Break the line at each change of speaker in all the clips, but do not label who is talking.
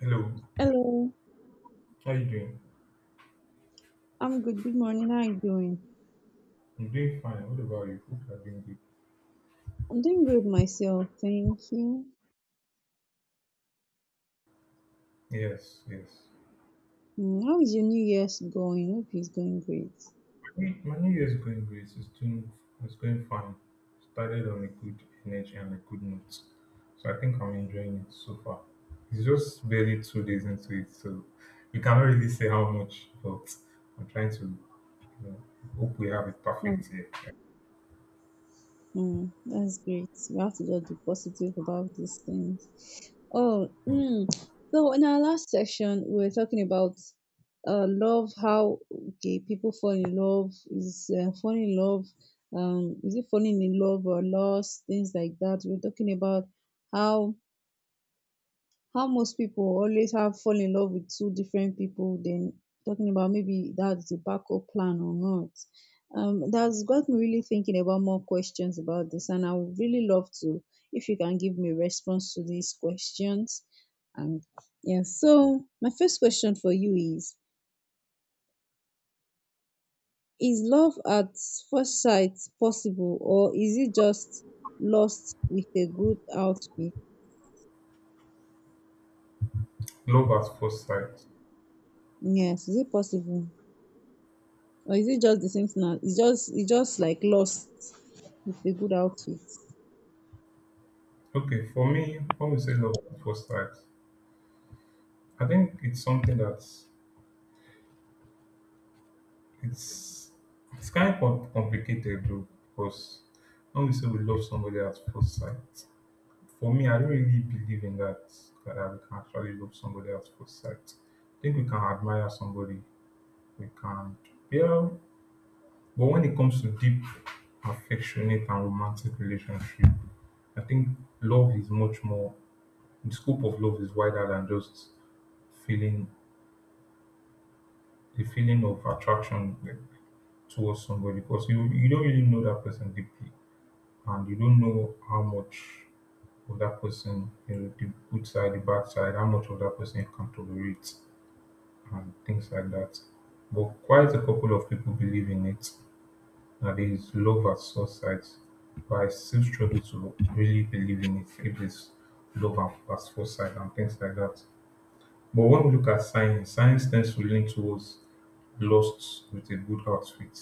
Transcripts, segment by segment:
Hello,
Hello,
how you doing?
I'm good. Good morning. How are you doing?
I'm doing fine. What about you? Hope you're doing good.
I'm doing great myself. Thank you.
Yes, yes.
How is your New Year's going? Hope it's going great.
My new year's going great. It's going fine. Started on a good energy and a good note. So I think I'm enjoying it so far. It's just barely 2 days into it, so we cannot really say how much, but I'm trying to you know, hope we have a
Oh,
perfect year.
that's great. We have to just be positive about these things. Oh,
Mm.
mm. So in our last section, we were talking about love. How okay, people fall in love is falling in love. Is it falling in love or lost? Things like that. We're talking about how how most people always have fall in love with two different people, then talking about maybe that's the backup plan or not. That's got me really thinking about more questions about this, and I would really love to if you can give me response to these questions. And yeah, so my first question for you is love at first sight possible, or is it just lost with a good outfit?
Love at first sight.
Yes, is it possible? Or is it just the same thing, it's just like lost with a good outfit?
Okay, for me, when we say love at first sight, I think it's something that's It's it's kind of complicated though, because when we say we love somebody at first sight, for me, I don't really believe in that we can actually love somebody at first sight. I think we can admire somebody, we can, yeah. But when it comes to deep, affectionate, and romantic relationship, I think love is much more. The scope of love is wider than just feeling the feeling of attraction, like, towards somebody, because you don't really know that person deeply, and you don't know how much of that person, you know, the good side, the bad side, how much of that person you can tolerate, and things like that. But quite a couple of people believe in it, that there is love at first sight. But I still struggle to really believe in it if there's love at first sight and things like that. But when we look at science, science tends to lean towards lust with a good outfit.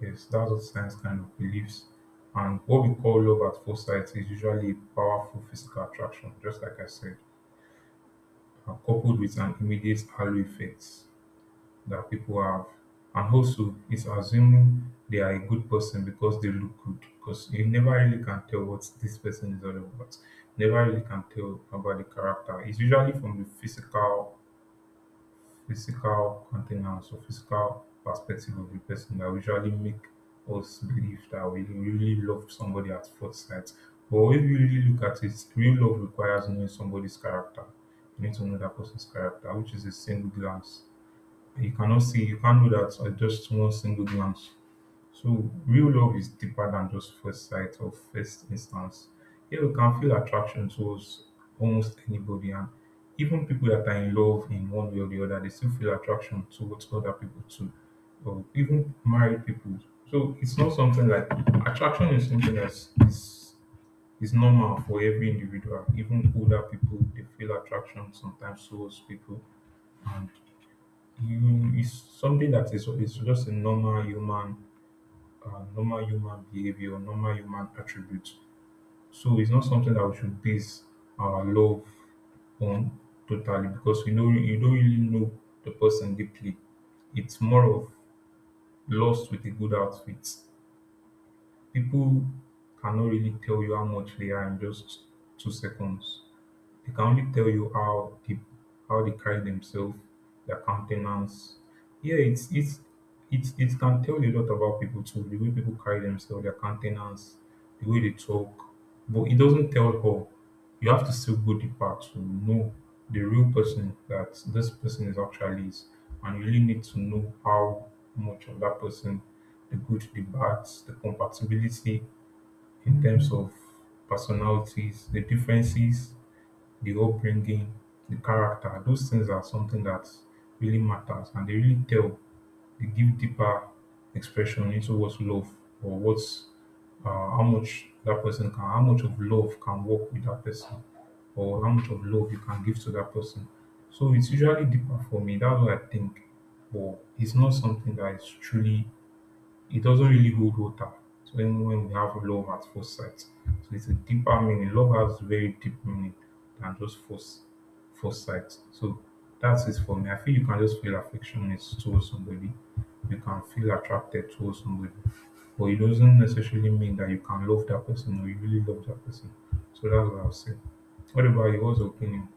Yes, that's what science kind of believes. And what we call love at first sight is usually a powerful physical attraction, just like I said, coupled with an immediate halo effect that people have. And also, it's assuming they are a good person because they look good, because you never really can tell what this person is all about. Never really can tell about the character. It's usually from the physical containers or physical perspective of the person that usually make us believe that we really love somebody at first sight. But if you really look at it, real love requires knowing somebody's character. You need to know that person's character, which is a single glance. You cannot see, you can't know that at just one single glance. So real love is deeper than just first sight or first instance. Here we can feel attraction towards almost anybody, and even people that are in love in one way or the other, they still feel attraction towards other people too. Or even married people. So it's not something like attraction is something that's is normal for every individual. Even older people, they feel attraction sometimes towards people, and you is something that is just a normal human behavior, normal human attributes. So it's not something that we should base our love on totally, because we know you don't really know the person deeply. It's more of lost with a good outfit. People cannot really tell you how much they are in just 2 seconds. They can only tell you how people, how they carry themselves, their countenance. Yeah, it can tell you a lot about people too, the way people carry themselves, their countenance, the way they talk. But it doesn't tell all. You have to still go deeper to know the real person that this person is actually is. And you really need to know how much of that person, the good, the bad, the compatibility in terms of personalities, the differences, the upbringing, the character. Those things are something that really matters, and they really tell, they give deeper expression into what's love or what's how much that person can, how much of love can work with that person, or how much of love you can give to that person. So it's usually deeper for me. That's what I think, but it's not something that is truly, it doesn't really hold water. So when we have love at first sight, so it's a deeper meaning. Love has very deep meaning than just first sight. So that's it for me. I feel you can just feel affection towards somebody. You can feel attracted towards somebody, but it doesn't necessarily mean that you can love that person or you really love that person. So that's what I'll say. What about you? What's your opinion?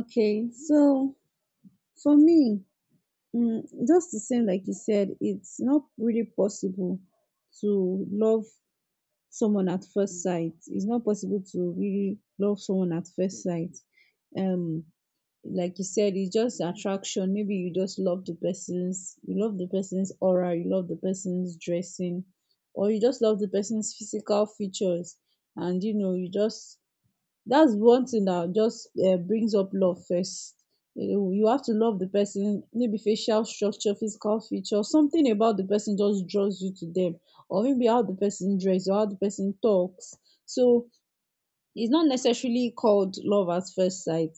Okay, so for me, mm, just the same like you said, it's not really possible to love someone at first sight. It's not possible to really love someone at first sight. Um, like you said, it's just attraction. Maybe you just love the person's aura, you love the person's dressing, or you just love the person's physical features, and you just that's one thing that just brings up love first. You have to love the person, maybe facial structure, physical feature, something about the person just draws you to them, or maybe how the person dress or how the person talks. So it's not necessarily called love at first sight.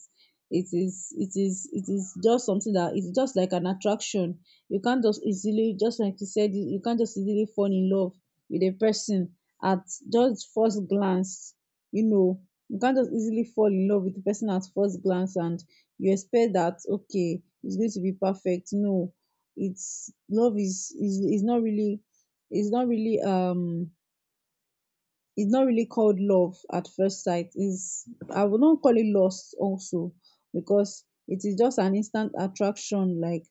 It is just something that it's just like an attraction. You can't just easily, just like you said, you can't just easily fall in love with a person at just first glance. You know you can't just easily fall in love with the person at first glance, and you expect that, okay, it's going to be perfect. No, it's love is not really, it's not really um it's not really called love at first sight. Is I would not call it lust also, because it is just an instant attraction like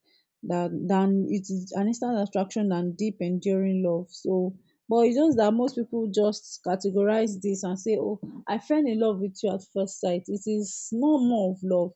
that, than it is an instant attraction than deep enduring love. So, but it's just that most people just categorize this and say, oh, I fell in love with you at first sight. It is no more of love.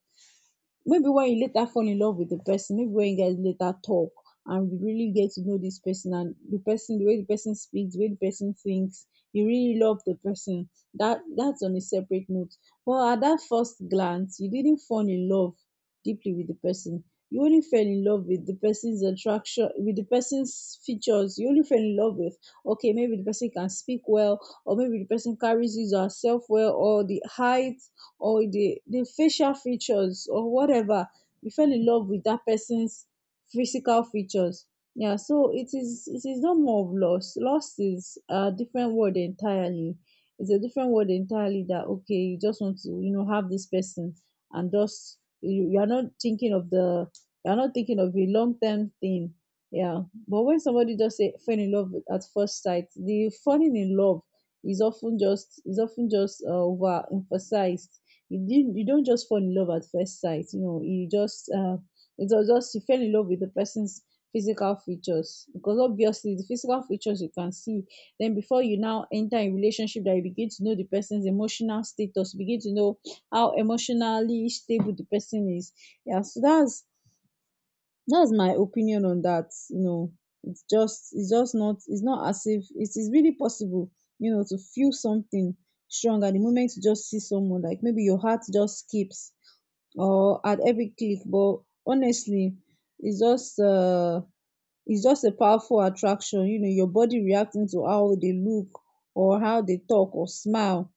Maybe when you later fall in love with the person, maybe when you guys later talk and you really get to know this person, and the way the person speaks, the way the person thinks, you really love the person. That's on a separate note. But at that first glance, you didn't fall in love deeply with the person. You only fell in love with the person's attraction, with the person's features. You only fell in love with, okay, maybe the person can speak well, or maybe the person carries his or herself well, or the height, or the facial features or whatever. You fell in love with that person's physical features. Yeah, so it is no more of loss. Loss is a different word entirely. It's a different word entirely, that, okay, you just want to have this person, and just you are not thinking of the you are not thinking of a long-term thing. Yeah, but when somebody just say fell in love at first sight, the falling in love is often just overemphasized. You don't just fall in love at first sight. You know, you just it was just you fell in love with the person's physical features, because obviously the physical features you can see. Then before you now enter a relationship, that you begin to know the person's emotional status, you begin to know how emotionally stable the person is. Yeah, so that's my opinion on that. It's not as if it is really possible, to feel something strong at the moment you just see someone, like maybe your heart just skips or at every click. But honestly, it's just uh it's just a powerful attraction. Your body reacting to how they look or how they talk or smile.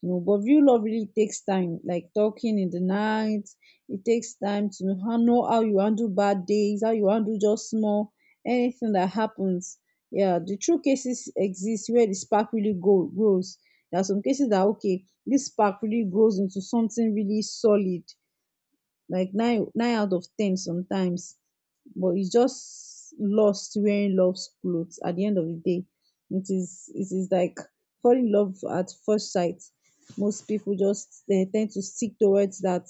But real love really takes time, like talking in the night. It takes time to know how, you handle bad days, how you handle anything that happens. Yeah, the true cases exist where the spark really grows. There are some cases that, okay, this spark really grows into something really solid, like nine out of ten sometimes. But it's just lost wearing love's clothes at the end of the day. It is like falling in love at first sight. Most people just, they tend to stick towards that,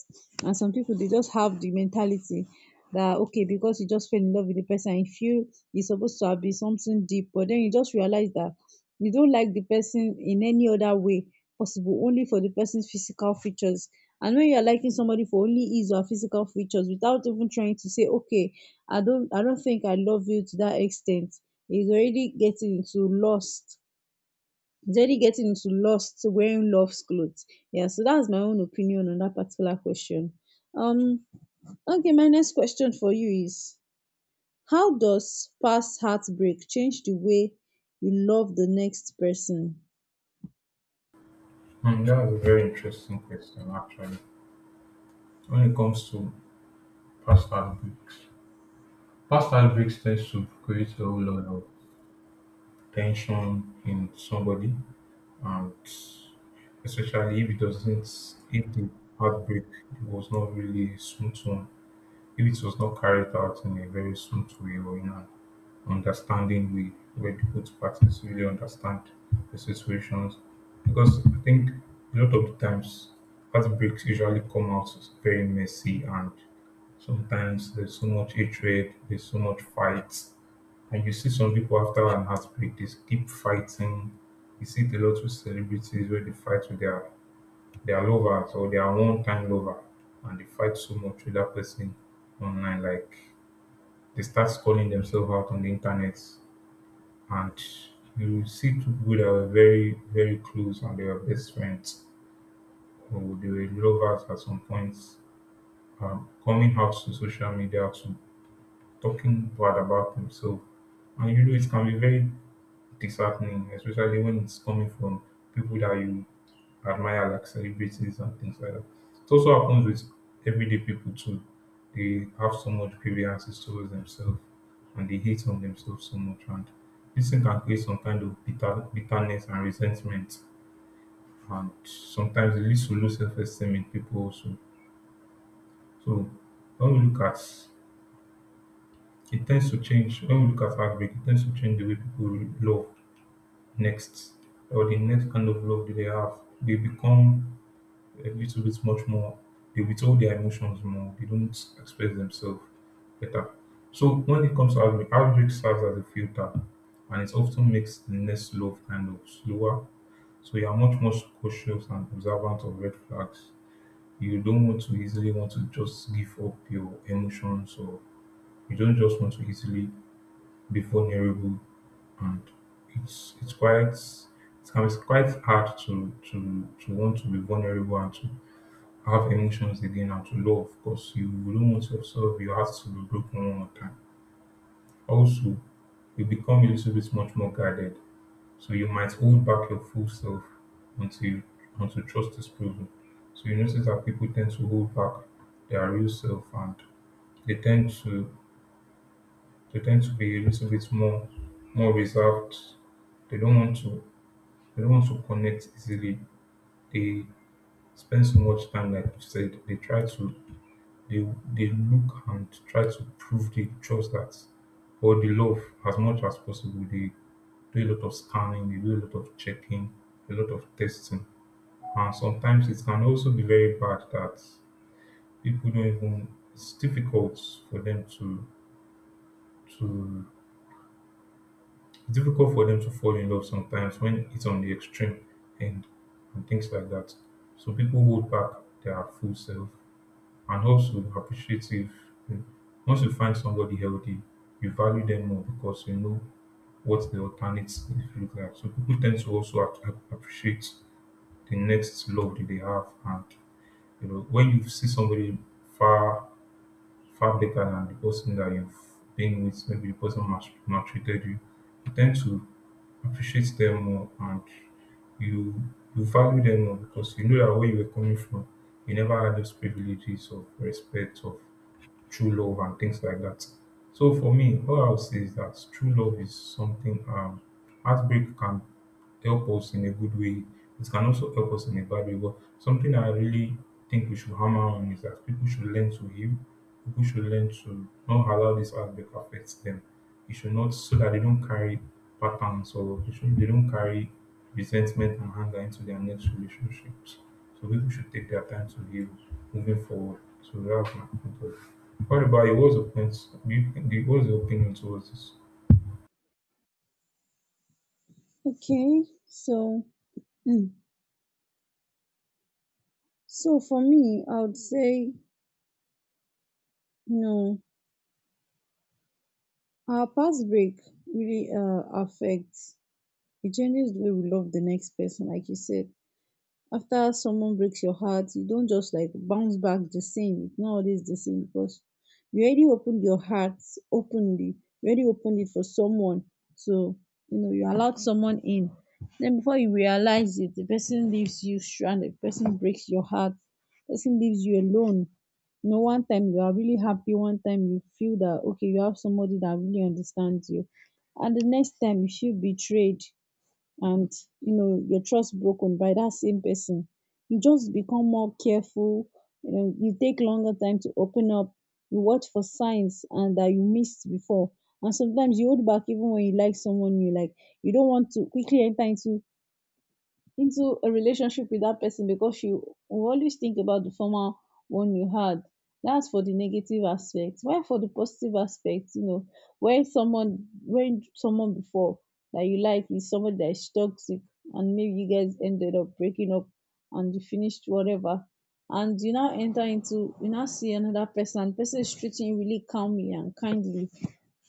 and some people, they just have the mentality that, okay, because you just fell in love with the person and you feel it's supposed to have been something deep, but then you just realize that you don't like the person in any other way possible, only for the person's physical features. And when you're liking somebody for only his or her physical features without even trying to say, okay, I don't think I love you to that extent, is already getting into lust. It's already getting into lust wearing love's clothes. Yeah, so that's my own opinion on that particular question. Um okay my next question for you is: how does past heartbreak change the way you love the next person?
Hmm, that was a very interesting question, actually. When it comes to past and books, past heartbreaks tends to create a whole lot of tension in somebody, and especially if it doesn't, if the heartbreak was not really a smooth one, if it was not carried out in a very smooth way or in an understanding way where the both parties really understand the situations. Because I think a lot of the times, heartbreaks usually come out very messy, and sometimes there's so much hatred, there's so much fight. And you see some people after an heartbreak, they keep fighting. You see it a lot with celebrities where they fight with their lovers or their one-time lover, and they fight so much with that person online. Like they start calling themselves out on the internet, and you see two people that were very close, and they were best friends or they were lovers at some points, coming out to social media to talking bad about themselves, and you know it can be very disheartening, especially when it's coming from people that you admire, like celebrities and things like that. It also happens with everyday people too. They have so much grievances towards themselves, and they hate on themselves so much. And this thing can create some kind of bitterness and resentment. And sometimes it leads to low self esteem in people also. So when we look at it tends to change, when we look at heartbreak, it tends to change the way people love next, or the next kind of love that they have, they become a little bit much more. They withhold their emotions more. They don't express themselves better. So when it comes to outbreak, outbreak serves as a filter, and it often makes the next love kind of slower. So you are much more cautious and observant of red flags. You don't want to easily want to just give up your emotions, or you don't just want to easily be vulnerable, and it's quite, it can be quite hard to want to be vulnerable and to have emotions again and to love because you don't want yourself, you have to be broken one more time. Also, you become a little bit much more guarded, so you might hold back your full self until you, until trust is proven. So you notice that people tend to hold back their real self, and they tend to they tend to be a little bit more reserved. They don't want to They don't want to connect easily. They spend so much time, like you said. They try to they they look and try to prove the trust that or the love as much as possible. They do a lot of scanning, they do a lot of checking, a lot of testing. And sometimes it can also be very bad that people don't even, it's difficult for them to it's difficult for them to fall in love sometimes when it's on the extreme end and things like that. So people hold back their full self, and also appreciative. mm, Once you find somebody healthy, you value them more because you know what the alternates look like. So people tend to also appreciate the next love that they have, and you know when you see somebody far far better than the person that you've been with, maybe the person maltreated you, you tend to appreciate them more, and you you value them more because you know that where you were coming from, you never had those privileges of respect, of true love, and things like that. So for me, all I'll say is that true love is something, um, heartbreak can help us in a good way. It can also help us in a bad way. But something I really think we should hammer on is that people should learn to heal. People should learn to not allow this aspect affect them. It should not, so that they don't carry patterns, they don't carry resentment and anger into their next relationships. So people should take their time to heal moving forward. So that's my point of view. What about you? What's your point? Do what's your opinion towards this?
Okay, so mm, for me, I would say know our past break really affects, it changes the way we love the next person, like you said. After someone breaks your heart, you don't just like bounce back the same. It's not always the same, because you already opened your heart openly. You already opened it for someone, so you know you allowed someone in. Then before you realize it, the person leaves you stranded, the person breaks your heart, the person leaves you alone. One time you are really happy, one time you feel that, okay, you have somebody that really understands you, and the next time you feel betrayed, and your trust broken by that same person. You just become more careful. You take longer time to open up. You watch for signs and that you missed before, and sometimes you hold back even when you like someone, you don't want to quickly enter into a relationship with that person, because you will always think about the former one you had. That's for the negative aspect. While for the positive aspect, when someone before that you like is someone that is toxic, and maybe you guys ended up breaking up, and you finished whatever, and you now see another person, and the person is treating you really calmly and kindly,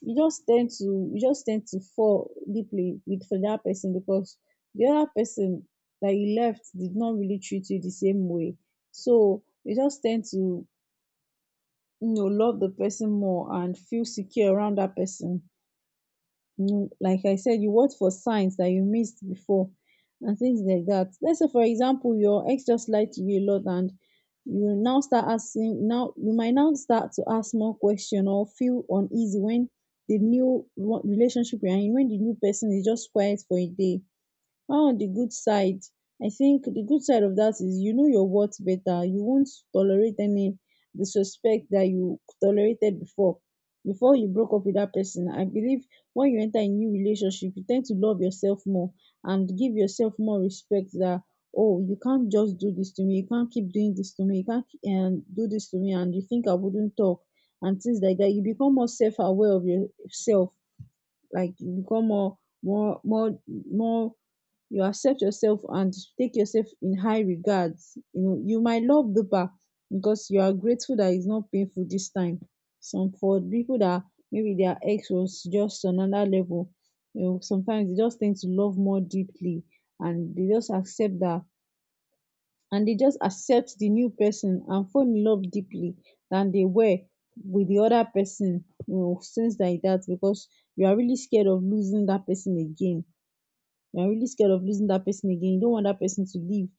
you just tend to fall deeply with for that person, because the other person that you left did not really treat you the same way. So you just tend to love the person more and feel secure around that person. You know like I said You watch for signs that you missed before, and things like that. Let's say, for example, your ex just lied to you a lot, and you might now start to ask more question or feel uneasy when the new relationship you're in, when the new person is just quiet for a day. The good side, I think the good side of that is, you know your worth better, you won't tolerate any disrespect that you tolerated before, you broke up with that person. I believe when you enter a new relationship, you tend to love yourself more and give yourself more respect, that, oh, you can't just do this to me, you can't keep doing this to me, you can't and do this to me, and you think I wouldn't talk. And things like that, you become more self-aware of yourself. Like you become more more more more. You accept yourself and take yourself in high regards. You might love deeper, because you are grateful that it's not painful this time. Some For people that maybe their ex was just another level, sometimes they just tend to love more deeply, and they just accept that, and they just accept the new person and fall in love deeply than they were with the other person. Since like that, because you are really scared Of losing that person again. You're really scared of losing that person again. You don't want that person to leave.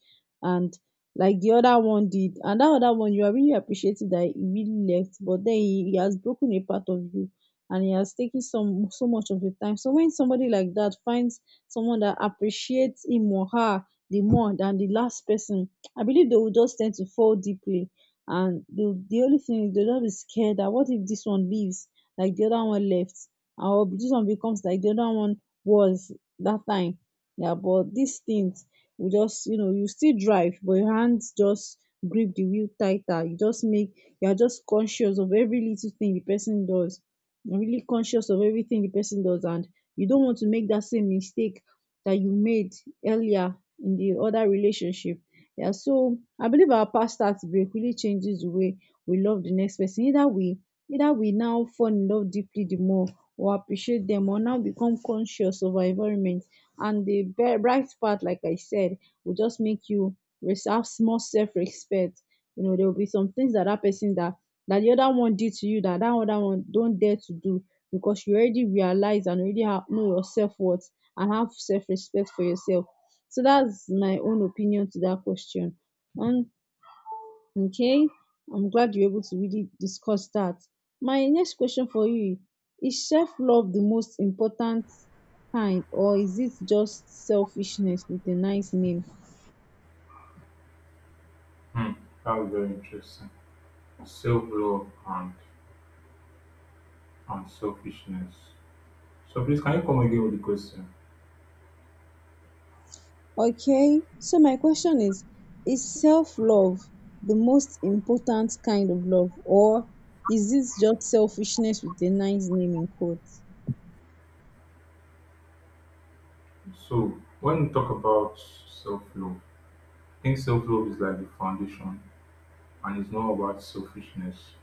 And like the other one did. And that other one, you are really appreciative that he really left, but then he has broken a part of you and he has taken some so much of your time. So when somebody like that finds someone that appreciates him or her the more than the last person, I believe they will just tend to fall deeply. And the only thing is they'll just be scared that what if this one leaves like the other one left, or this one becomes like the other one was that time. Yeah, but these things will just, you know, you still drive, but your hands just grip the wheel tighter. You just make, you are just conscious of every little thing the person does. You're really conscious of everything the person does, and you don't want to make that same mistake that you made earlier in the other relationship. Yeah, so I believe our past tax break really changes the way we love the next person. Either we now fall in love deeply the more, or appreciate them, or now become conscious of our environment. And the bright part, like I said, will just make you have small self-respect. You know, there will be some things that that person that that the other one did to you that that other one don't dare to do, because you already realize and already know your self-worth and have self-respect for yourself. So that's my own opinion to that question. And okay, I'm glad you're able to really discuss that. My next question for you: is self love the most important kind, or is it just selfishness with a nice name?
Hmm, that was very interesting. Self love and selfishness. So please, can you come again with the question?
Okay, so my question is: is self love the most important kind of love, or is it just selfishness with a nice name in quotes?
So when we talk about self-love, I think self-love is like the foundation, and it's not about selfishness.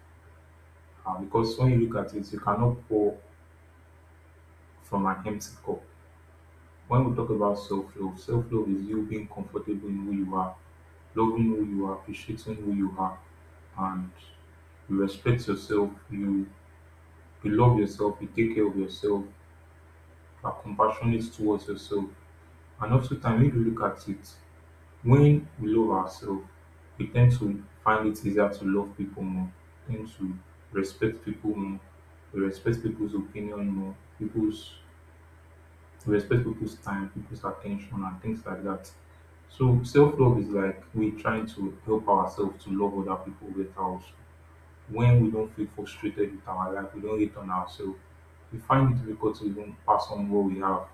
Because when you look at it, you cannot pour from an empty cup. When we talk about self-love, self-love is you being comfortable in who you are, loving who you are, appreciating who you are, and you respect yourself, you love yourself, you take care of yourself, are compassionate towards yourself, and also time if you look at it. When we love ourselves, we tend to find it easier to love people more, tend to respect people more, we respect people's opinion more, people's we respect people's time, people's attention, and things like that. So self love is like we trying to help ourselves to love other people better also when we don't feel frustrated with our life, we don't hate on ourselves. We find it difficult to even pass on what we have.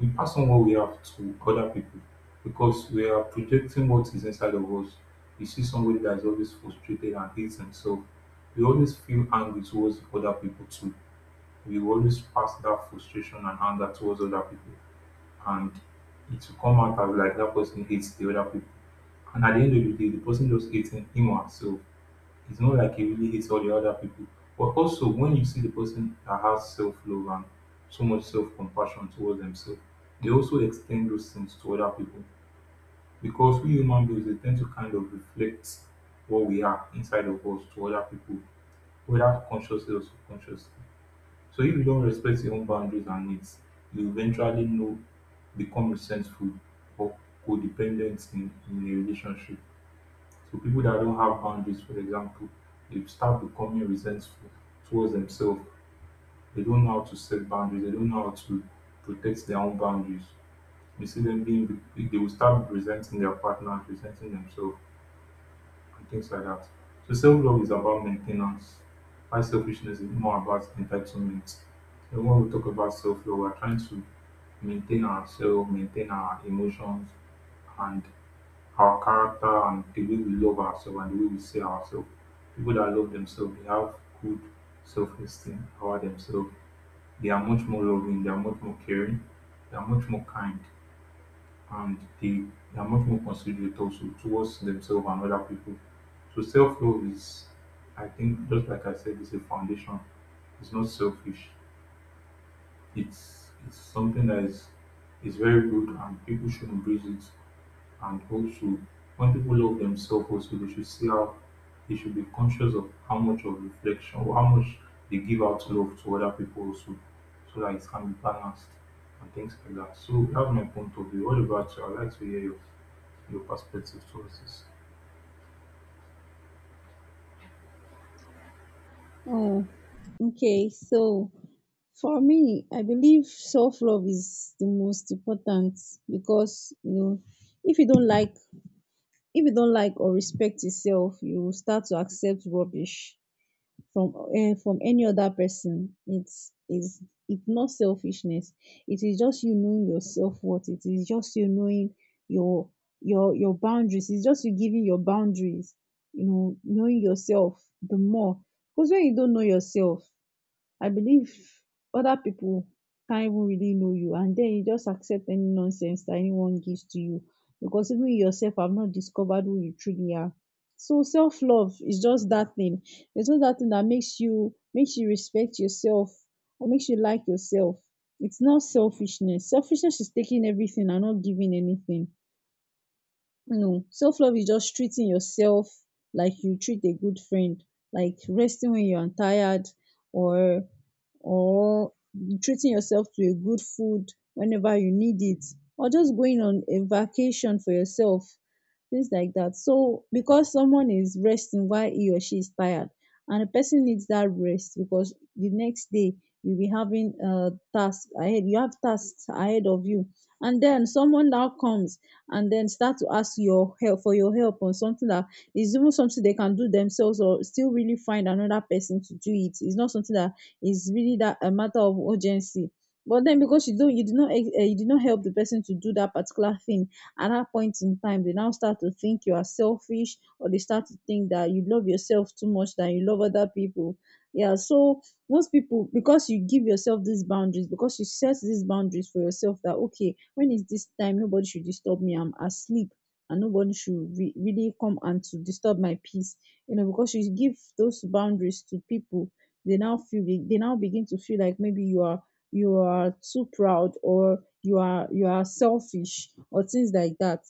We pass on what we have to other people because we are projecting what is inside of us. You see somebody that is always frustrated and hates himself, we always feel angry towards other people too. We will always pass that frustration and anger towards other people, and it will come out as like that person hates the other people. And at the end of the day, the person just hates him or herself. It's not like he really hates all the other people. But also, when you see the person that has self love and so much self compassion towards themselves, they also extend those things to other people. Because we human beings, we tend to kind of reflect what we are inside of us to other people, whether consciously or subconsciously. So if you don't respect your own boundaries and needs, you eventually know become resentful or codependent in a relationship. So people that don't have boundaries, for example, they start becoming resentful towards themselves. They don't know how to set boundaries. They don't know how to protect their own boundaries. You see them being, they will start resenting their partners, resenting themselves, and things like that. So self love is about maintenance. While selfishness is more about entitlement. And when we talk about self love, we're trying to maintain ourselves, maintain our emotions, and our character and the way we love ourselves and the way we see ourselves. People that love themselves, they have good self esteem about themselves. They are much more loving, they are much more caring, they are much more kind, and they are much more considerate also towards themselves and other people. So, self love is, I think, just like I said, it's a foundation. It's not selfish. It's something that is very good, and people should embrace it. And also, when people love themselves, also they should see how they should be conscious of how much of reflection or how much they give out love to other people also, so that it can be balanced and things like that. So that's my point of view. What about you? I'd like to hear your perspective towards this.
Oh, okay, so for me, I believe self love is the most important, because you know, if you don't like if you don't like or respect yourself, you start to accept rubbish from any other person. It's is it's not selfishness. It is just you knowing yourself worth. It is just you knowing your your boundaries. It's just you giving your boundaries. You know, knowing yourself the more. Because when you don't know yourself, I believe other people can't even really know you, and then you just accept any nonsense that anyone gives to you, because even you yourself have not discovered who you truly are. So self love is just that thing. It's just that thing that makes you respect yourself or makes you like yourself. It's not selfishness. Selfishness is taking everything and not giving anything. No, self love is just treating yourself like you treat a good friend, like resting when you are tired, or or treating yourself to a good food whenever you need it, or just going on a vacation for yourself, things like that. So because someone is resting while he or she is tired, and the person needs that rest, because the next day you'll be having a task ahead you have tasks ahead of you, and then someone now comes and then start to ask your help for your help on something that is even something they can do themselves, or still really find another person to do it. It's not something that is really that a matter of urgency. But then because you did not, you did not help the person to do that particular thing at that point in time, they now start to think you are selfish, or they start to think that you love yourself too much than you love other people. Yeah, so most people, because you give yourself these boundaries, because you set these boundaries for yourself that okay, when is this time, nobody should disturb me, I'm asleep, and nobody should really come and to disturb my peace. You know, because you give those boundaries to people, they now they now begin to feel like maybe you are too proud, or you are selfish, or things like that.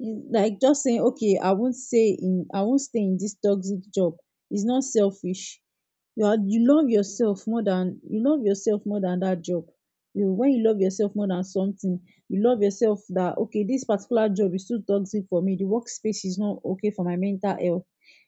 It's like just saying okay, I won't stay in this toxic job. It's not selfish. You love yourself more than that job. You know, when you love yourself more than something, you love yourself that okay, this particular job is too toxic for me, the workspace is not okay for my mental health.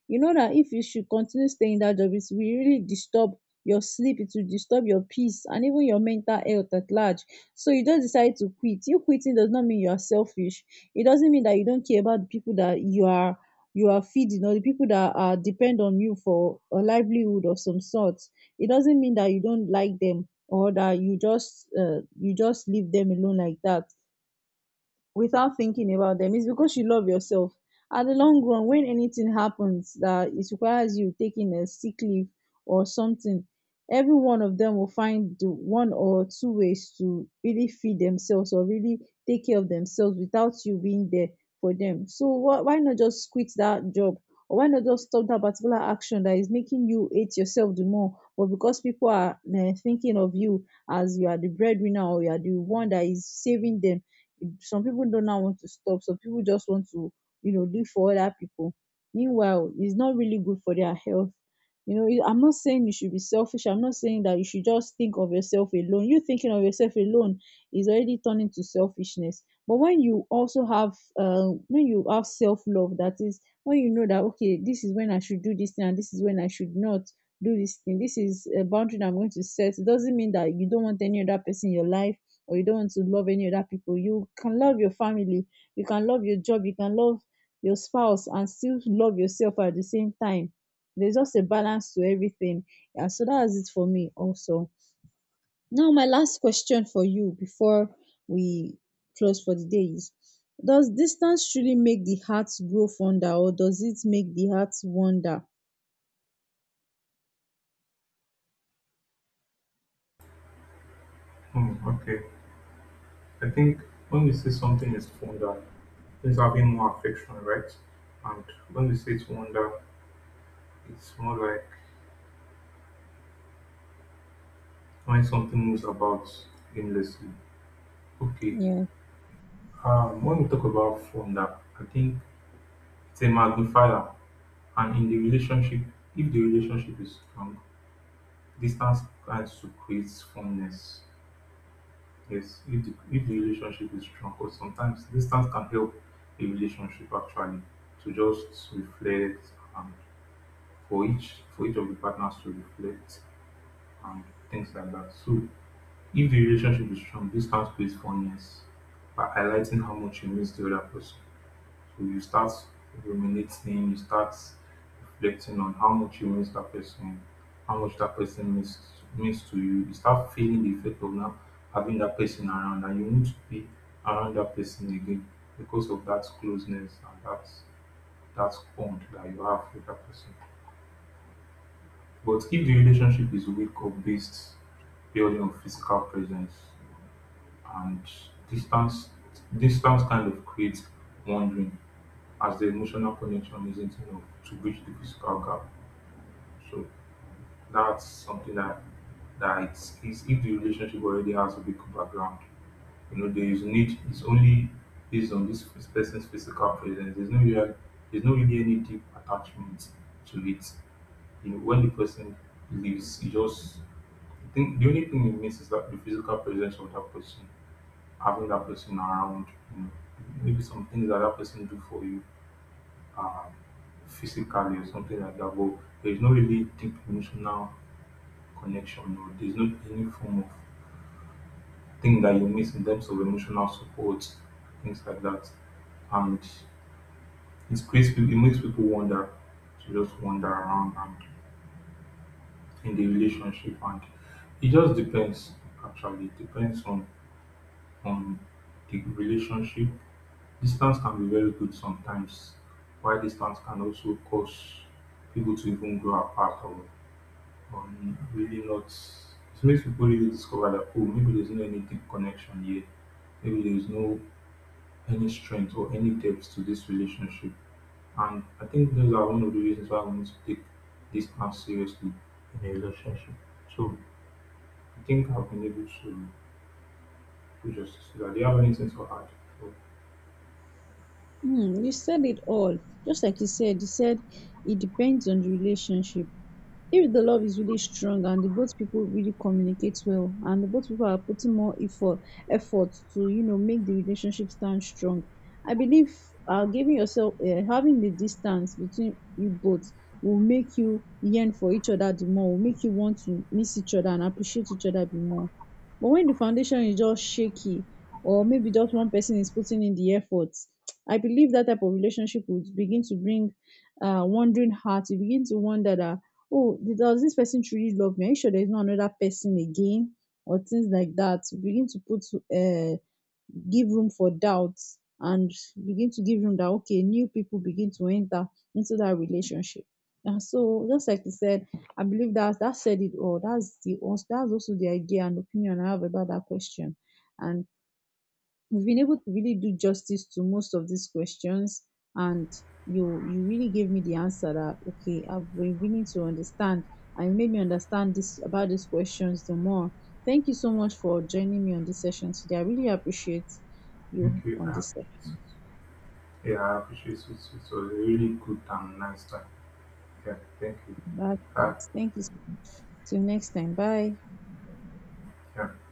You know that if you should continue staying in that job, it will really disturb your sleep, it will disturb your peace, and even your mental health at large. So you just decide to quit. You quitting does not mean you are selfish. It doesn't mean that you don't care about the people that you are feeding, or the people that are depend on you for a livelihood of some sort. It doesn't mean that you don't like them, or that you just leave them alone like that without thinking about them. It's because you love yourself. At the long run, when anything happens that it requires you taking a sick leave or something, every one of them will find the one or two ways to really feed themselves, or really take care of themselves without you being there for them. So why not just quit that job, or why not just stop that particular action that is making you hate yourself the more? But because people are thinking of you as you are the breadwinner, or you are the one that is saving them, some people don't now want to stop. Some people just want to, you know, live for other people. Meanwhile, it's not really good for their health. You know, it- I'm not saying you should be selfish. I'm not saying that you should just think of yourself alone. You thinking of yourself alone is already turning to selfishness. But when you also have, when you have self love, that is, when you know that okay, this is when I should do this thing, and this is when I should not do this thing. This is a boundary that I'm going to set. It doesn't mean that you don't want any other person in your life, or you don't want to love any other people. You can love your family, you can love your job, you can love your spouse, and still love yourself at the same time. There's just a balance to everything. Yeah, so that's it for me also. Now my last question for you before we close for the day is: does distance truly make the heart grow fonder, or does it make the heart wander?
Hmm, okay. I think when we say something is wonder, it's having more affection, right? And when we say it's wonder, it's more like when something moves about aimlessly. Okay.
Yeah.
When we talk about phone, that I think it's a magnifier, and in the relationship, if the relationship is strong, distance tends to create fondness. Yes, if the relationship is strong, because sometimes distance can help a relationship actually to just reflect and for each of the partners to reflect and things like that. So if the relationship is strong, distance creates fondness by highlighting how much you miss the other person. If you start ruminating, you start reflecting on how much you miss that person, how much that person means to you, you start feeling the effect of now having that person around and you need to be around that person again because of that closeness and that bond that you have with that person. But if the relationship is weak or based purely on physical presence and distance distance kind of creates wandering as the emotional connection isn't enough to bridge the physical gap. So that's something that that it's if the relationship already has a big background, you know, there is need it's only based on this person's physical presence. There's no real there's no really any deep attachment to it. You know, when the person leaves, you just I think the only thing it means is that the physical presence of that person, having that person around, you know, maybe some things that that person do for you um, physically or something like that, but there's no really deep emotional connection or there's no any form of thing that you miss in terms of emotional support, things like that. And it creates it makes people wonder to just wander around and in the relationship and it just depends actually it depends on the relationship. Distance can be very good sometimes, while distance can also cause people to even grow apart or really not it makes people really discover that oh maybe there's no any deep connection here maybe there's no any strength or any depth to this relationship and I think those are one of the reasons why I want to take this distance seriously in a relationship. So I think I've been able to do justice to that. Do you have anything to add? So,
Hmm, you said it all. Just like you said, you said it depends on the relationship. If the love is really strong, and the both people really communicate well, and the both people are putting more effort to, you know, make the relationship stand strong, I believe giving yourself, having the distance between you both will make you yearn for each other the more, will make you want to miss each other and appreciate each other the more. But when the foundation is just shaky, or maybe just one person is putting in the effort, I believe that type of relationship would begin to bring wondering heart. You begin to wonder that oh, does this person truly love me, are you sure there's not another person again, or things like that. You begin to put uh give room for doubts, and begin to give room that okay, new people begin to enter into that relationship. And so just like you said, I believe that that said it all. That's also the idea and opinion I have about that question. And we've been able to really do justice to most of these questions. And you you really gave me the answer that okay, I've been willing to understand, and you made me understand this about these questions the more. Thank you so much for joining me on this session today. I really appreciate you
thank you,
on
I
this session.
appreciate it. Yeah, I appreciate it, it was a really good and nice time. Yeah, thank you.
That's
Bye.
great. Thank you so much. Till next time. Bye.
Yeah.